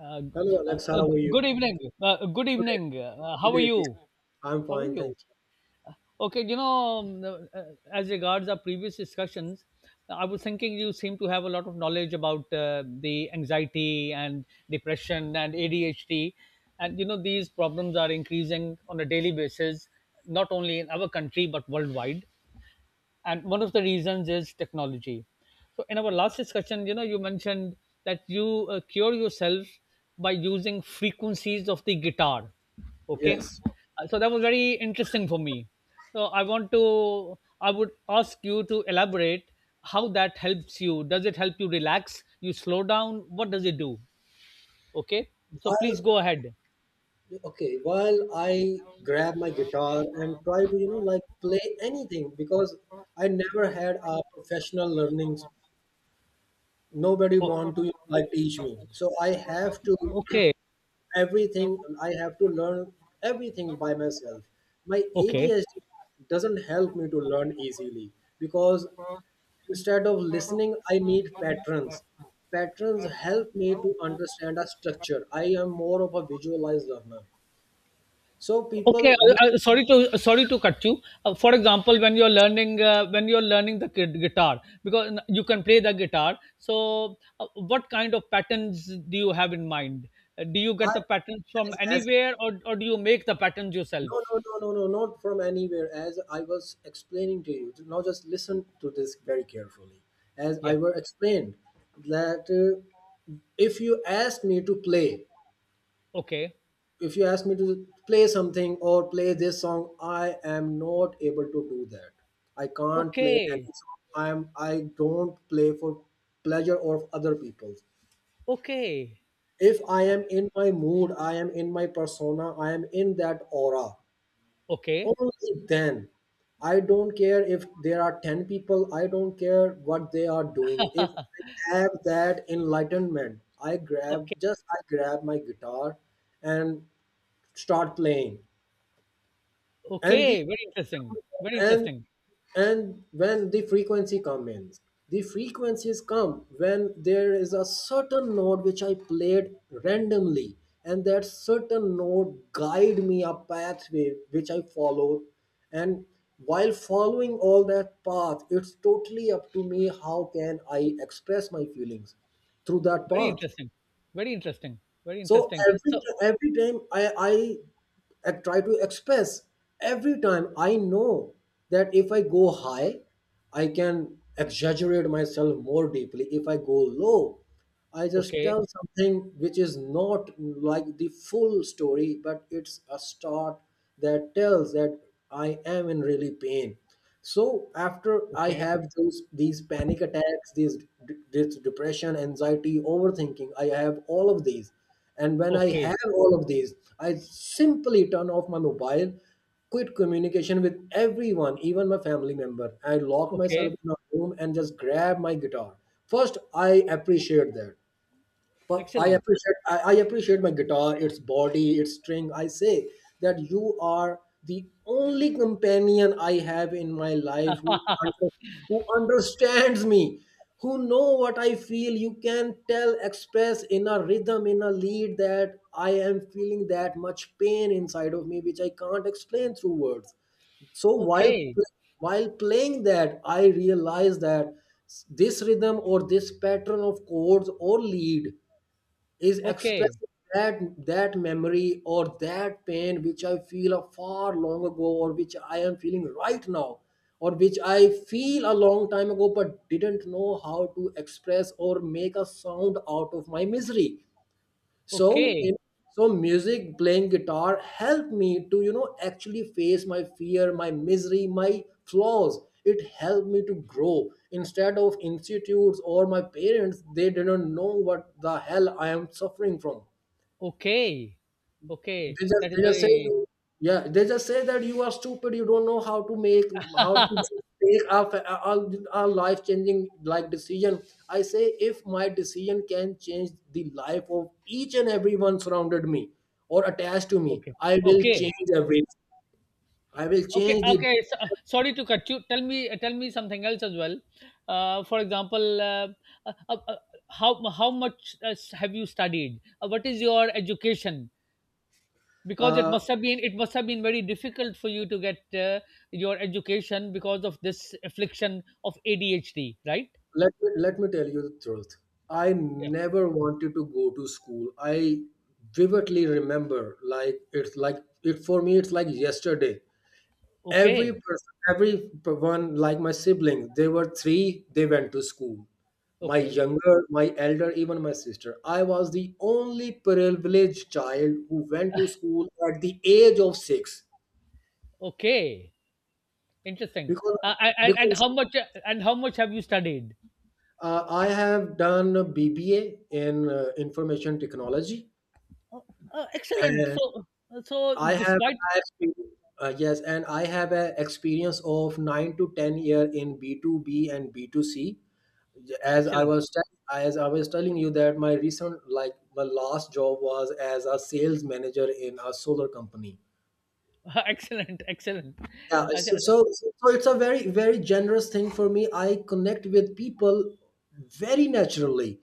Uh, Hello, uh, Alex. How uh, are you? good evening. Good Good evening. evening. How Good are evening. you? I'm How are fine, you? thank Uh, okay, you know, as regards our previous discussions, I was thinking you seem to have a lot of knowledge about the anxiety and depression and ADHD. And, you know, these problems are increasing on a daily basis, not only in our country, but worldwide. And one of the reasons is technology. So in our last discussion, you know, you mentioned that you cure yourself by using frequencies of the guitar. you. Okay. Yes. So that was very interesting for me. so i want to I would ask you to elaborate how that helps you. Does it help you relax? You slow down? What does it do? Okay, so please While go ahead. Okay, while I grab my guitar and try to, like play anything because I never had a professional learnings. Nobody Oh, want to like teach me. So I have to okay. everything. I have to learn everything by myself. My Okay. ADHD doesn't help me to learn easily because instead of listening, I need patterns. Patterns help me to understand a structure. I am more of a visualized learner. So Okay, people who sorry to sorry to cut you. For example, when you're learning the kid guitar, because you can play the guitar. So, what kind of patterns do you have in mind? Do you are get the patterns from as anywhere, or do you make the patterns yourself? no, no, no, no, no, not from anywhere. As I was explaining to you, now just listen to this very carefully. As I Yeah. were explained that if you asked me to play Okay. if you ask me to play something or play this song, I am not able to do that. I can't play Okay. any song. I don't play for pleasure or other people. Okay. If I O- am in my mood, I am in my persona, I am in that aura, Okay. only then. I don't care if there are 10 people, I don't care what they are doing. If I have that enlightenment, i grab Okay. just i grab my guitar and start playing. and the Okay. Very interesting. Very and interesting. and when the frequency comes, the frequencies come when there is a certain note which I played randomly, and that certain note guide me a pathway which I follow. And while following all that path, it's totally up to me how can I express my feelings through that Very path. interesting. Very interesting. Very So interesting. every So, ti- every time I I I try to express. Every time I know that if I go high, I can exaggerate myself more deeply. If I go low, I just okay. tell something which is not like the full story, but it's a start that tells that I am in really pain. So after I Okay. have those these panic attacks, this depression, anxiety, overthinking, I have all of these. And when I Okay. have all of these, I simply turn off my mobile, quit communication with everyone, even my family member. I locked myself Okay. in a room and just grabbed my guitar. First, I appreciate that. But I Excellent. appreciate I, I appreciate my guitar, its body, its string. I say that you are the only companion I have in my life who understands me, who know what I feel. You can tell, express in a rhythm, in a lead that I am feeling that much pain inside of me, which I can't explain through words. So while Okay. while playing that, I realized that this rhythm or this pattern of chords or lead is Okay. expressing that that memory or that pain which I feel a far long ago, or which I am feeling right now, or which I feel a long time ago but didn't know how to express or make a sound out of my misery. so Okay. in so music, playing guitar, helped me to actually face my fear, my misery, my flaws. It helped me to grow instead of institutes or my parents. They didn't know what the hell I am suffering from. Okay. Okay. That is They just say very you Yeah, they just say that you are stupid, you don't know how to make, how to take a, a life changing like decision. I say if my decision can change the life of each and everyone surrounded me or attached to me, okay. I will Okay. change everything. I will Okay. change the Okay. So, sorry to cut you. Tell me. Tell me something else as well. For example, uh, uh, uh, how much have you studied? What is your education? Because uh, it must have been very difficult for you to get your education because of this affliction of ADHD, right? let me tell you the truth. I Yeah. never wanted to go to school. I vividly remember, like, it's like, it for me it's like yesterday. Every Okay. person, like my siblings, they were three, they went to school. My Okay. younger, my elder, even my sister. I was the only privileged child who went to school at the age of 6. Okay. Interesting. because And because how much and how much have you studied? uh, I have done a BBA in information technology. Excellent. And So I have despite a expe- yes, and I have an experience of 9 to 10 year in B2B and B2C. As I excellent, was tell- as I was telling you that my recent, like, my last job was as a sales manager in a solar company. excellent, excellent. Yeah, Acha, so, so it's a very, very generous thing for me. I connect with people very naturally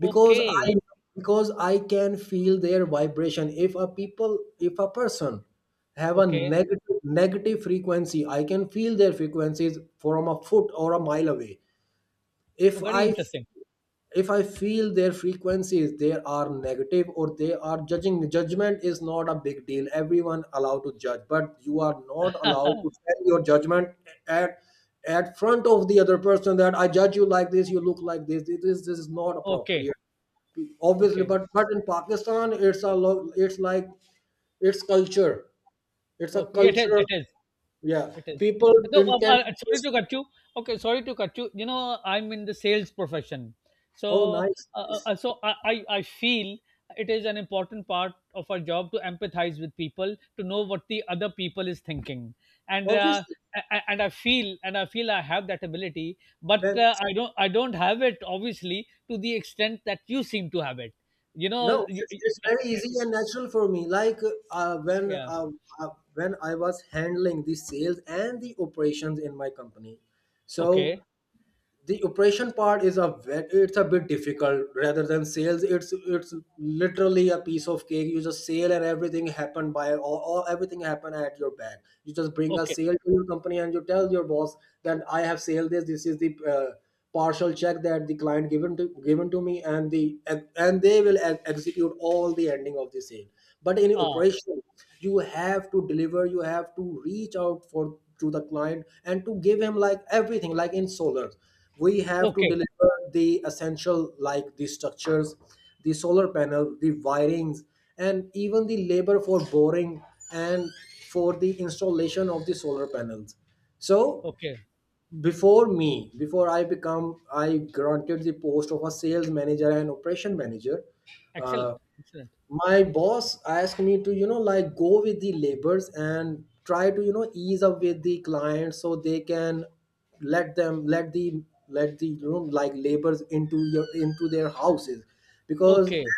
because, okay, I because I can feel their vibration. If a person have a okay, negative frequency, I can feel their frequencies from a foot or a mile away. If very I interesting. if I feel their frequencies, they are negative or they are judging. Judgment is not a big deal, everyone allowed to judge, but you are not allowed to send your judgment at at front of the other person that I judge you like this, you look like this, this is not Okay, appropriate obviously. okay, But in Pakistan, it's like, it's culture it's a okay. It is. culture. It is. Yeah, It is. people No, intend. Sorry to cut you. Okay, sorry to cut you. You know, I'm in the sales profession, Oh so nice, nice. I feel it is an important part of our job to empathize with people, to know what the other people is thinking, and Obviously. and I feel I have that ability, but When I don't have it obviously to the extent that you seem to have it. You know, No, you, it's very easy and natural for me. Like, uh, when yeah. uh, when I was handling the sales and the operations in my company, so Okay. the operation part it's a bit difficult rather than sales. It's literally a piece of cake. You just sale and everything happen by, or everything happen at your back. You just bring a Okay. sale to your company and you tell your boss that I have sale. This is the partial check that the client given to me, and the, and they will execute all the ending of the sale. But in Ah. operation, you have to deliver, you have to reach out for, to the client, and to give him, like, everything. Like in solar, we have to Okay. deliver the essential, like the structures, the solar panel, the wirings, and even the labor for boring and for the installation of the solar panels. So Okay. before me, before I become I granted the post of a sales manager and operation manager. uh, Excellent. Excellent. my boss asked me to like go with the labors and try to ease up with the clients, so they can let them let the let the, like, labors into your, into their houses. Because Okay.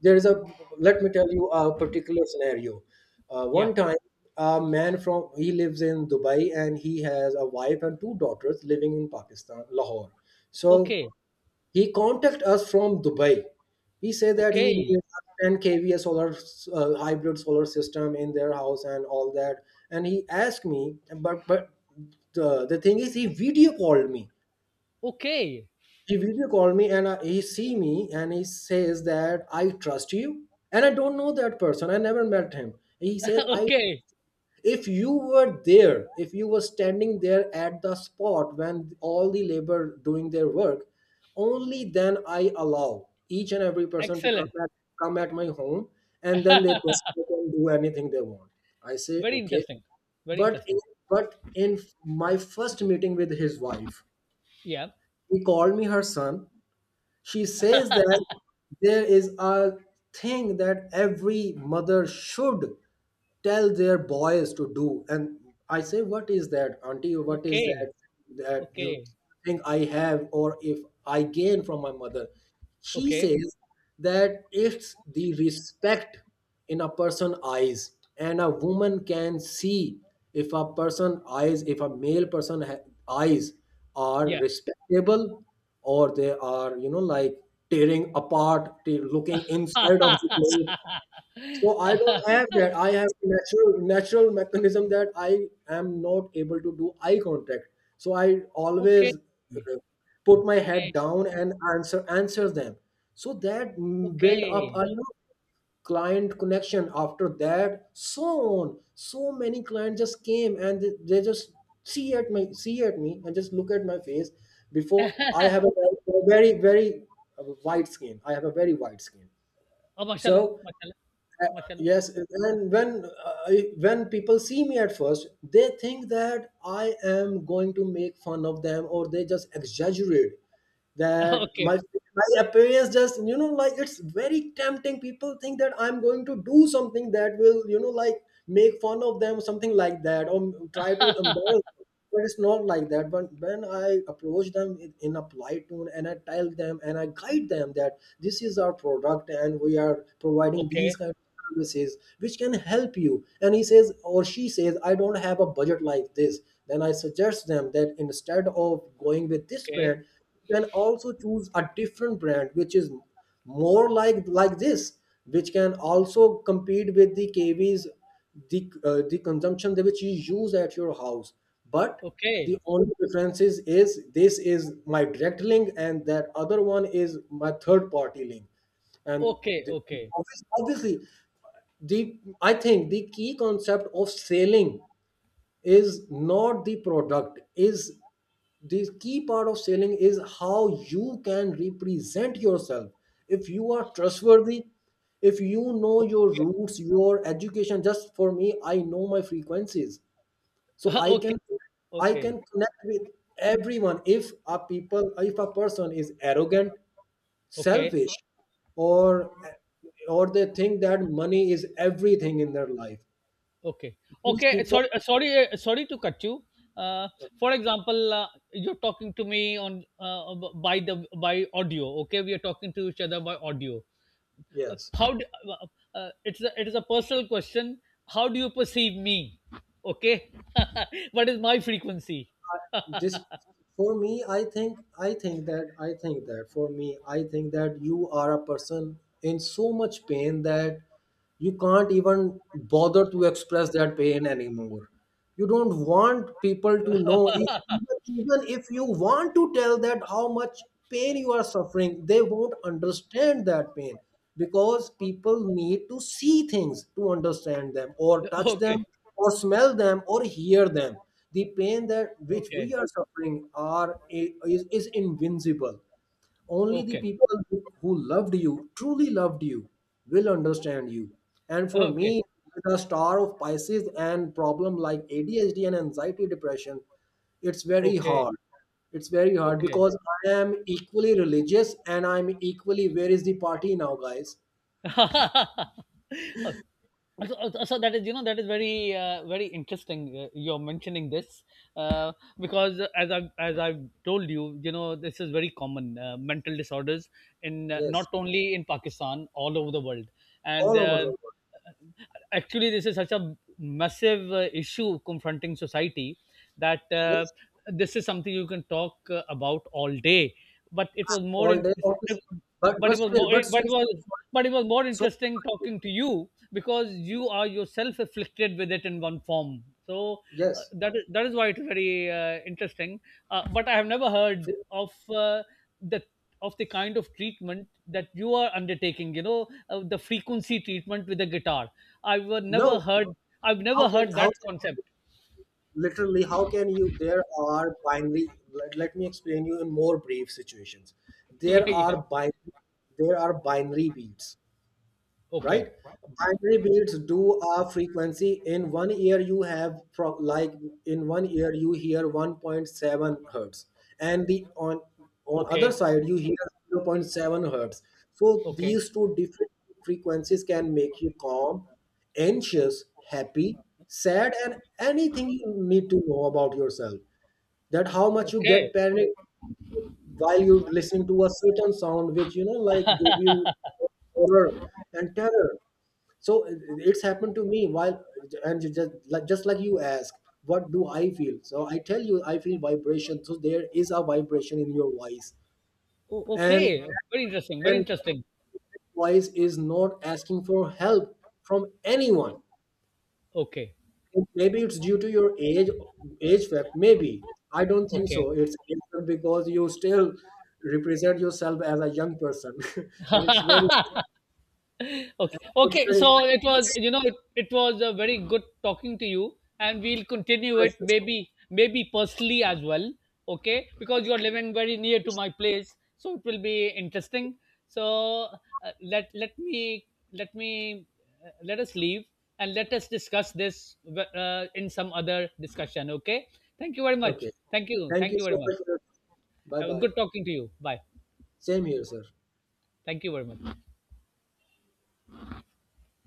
there is a, let me tell you a particular scenario. Yeah. One time, a man from, he lives in Dubai, and he has a wife and two daughters living in Pakistan, Lahore. So Okay. he contacted us from Dubai. He said that he Okay. needs a 10 kVA solar, hybrid solar system in their house and all that. And he asked me, but the thing is, he video called me. Okay. He video called me, and I, he see me and he says that I trust you. And I don't know that person. I never met him. He said, I Okay. if you were there, if you were standing there at the spot when all the labor doing their work, only then I allow each and every person to Excellent. Come at my home, and then they just go and do anything they want. I say Very okay. interesting. Very But in, interesting. but in my first meeting with his wife, Yeah. he called me her son. She says that there is a thing that every mother should tell their boys to do. And I say, what is that, Auntie? What is Okay. that that you Okay. think I have, or if I gain from my mother? She Okay. says that it's the respect in a person eyes, and a woman can see if a person eyes, if a male person eyes are Yeah. respectable, or they are, you know, like tearing apart, looking inside of the. So I don't have that. I have natural mechanism that I am not able to do eye contact. So I Okay. always, put my head Okay. down and answers them. So that, build up Okay. a, client connection. After that, so on, so many clients just came and they just see at me and just look at my face. Before I have a very, very, very, white skin. I have a very white skin. Oh, mashallah. So, Mashallah. uh, Mashallah. yes, and when, when people see me at first, they think that I am going to make fun of them, or they just exaggerate that my, Okay. Appearance just, like, it's very tempting. People think that I'm going to do something that will, like, make fun of them, something like that, or try to embarrass. But it's not like that. But when I approach them in a polite tone, and I tell them and I guide them that this is our product and we are providing these Okay. kind of services which can help you, and he says, or she says, I don't have a budget like this. Then I suggest them that, instead of going with this Okay. brand, you can also choose a different brand which is more like this, which can also compete with the kvs, the consumption that which you use at your house. But the Okay. only differences is this is my direct link, and that other one is my third party link. And Okay. the, Okay. obviously, the I think the key concept of selling is not the product. Is the key part of selling is how you can represent yourself. If you are trustworthy, if you know your roots, your education. Just for me, I know my frequencies, so I Okay. can, I Okay. can connect with everyone. If a person is arrogant, Okay. selfish, or or they think that money is everything in their life, Okay. these Okay. People. Sorry. Sorry. Sorry to cut you. Uh, for example, you're talking to me on by the by audio. Okay, we are talking to each other by audio. Uh, Yes. how do, uh, it's a, it is a personal question. How do you perceive me? Okay, what is my frequency? this For me, I think that for me I think that you are a person in so much pain that you can't even bother to express that pain anymore. You don't want people to know, if, even if you want to tell that how much pain you are suffering, they won't understand that pain, because people need to see things to understand them, or touch Okay, them, or smell them, or hear them. The pain that which we okay, are suffering is invincible. Only the okay, people who loved you, truly loved you, will understand you. And for okay, me, with a star of Pisces and problem like ADHD and anxiety depression, it's very okay, hard. It's very hard okay. because I am equally religious and I'm equally, where is the party now, guys? So, that is, you know, that is very very interesting you're mentioning this uh, because as I've told you, you know, this is very common mental disorders in not Yes, only in pakistan, all over the world. And all over the world. actually, this is such a massive issue confronting society that Yes, this is something you can talk about all day. But it was more all day, interesting. obviously. But But but it was still, more. but still, But it was. so But it was more so- interesting talking to you because you are yourself afflicted with it in one form. So yes. That is why it is very interesting. But I have never heard of the of the kind of treatment that you are undertaking, you know, the frequency treatment with the guitar. i've uh, No, never heard I've never heard how that can concept. literally how can you there are binary let, let me explain you in more brief situations. there Yeah, yeah. are binary there are binary beats, Okay, right? Binary beats do a frequency. In one ear, you have pro- like in one ear you hear 1.7 hertz, and the on other okay, side you hear 0. 0.7 hertz. So okay, these two different frequencies can make you calm, anxious, happy, sad, and anything you need to know about yourself. That how much you get okay. panic while you listen to a certain sound which, like, give you horror and terror. so it- it's happened to me. While, and you just like you ask, what do I feel? So I tell you, I feel vibration. So there is a vibration in your voice, O- okay. and Very interesting. Very and interesting. voice is not asking for help from anyone. Okay. Maybe it's due to your age, fact. Maybe, I don't think so, Okay. it's age fact, because you still represent yourself as a young person, and it's very, Okay. it's Okay. very So it was, you know, it was a very good talking to you, and we'll continue it precious. maybe, maybe personally as well. Okay. Because you're living very near to my place, so it will be interesting. So uh, let let me let me let us leave and let us discuss this in some other discussion. Okay. Thank you very much. Okay, Thank you. thank Thank you you very so much. much. Bye bye. Good talking to you. Bye. Same here, sir. Thank you very much.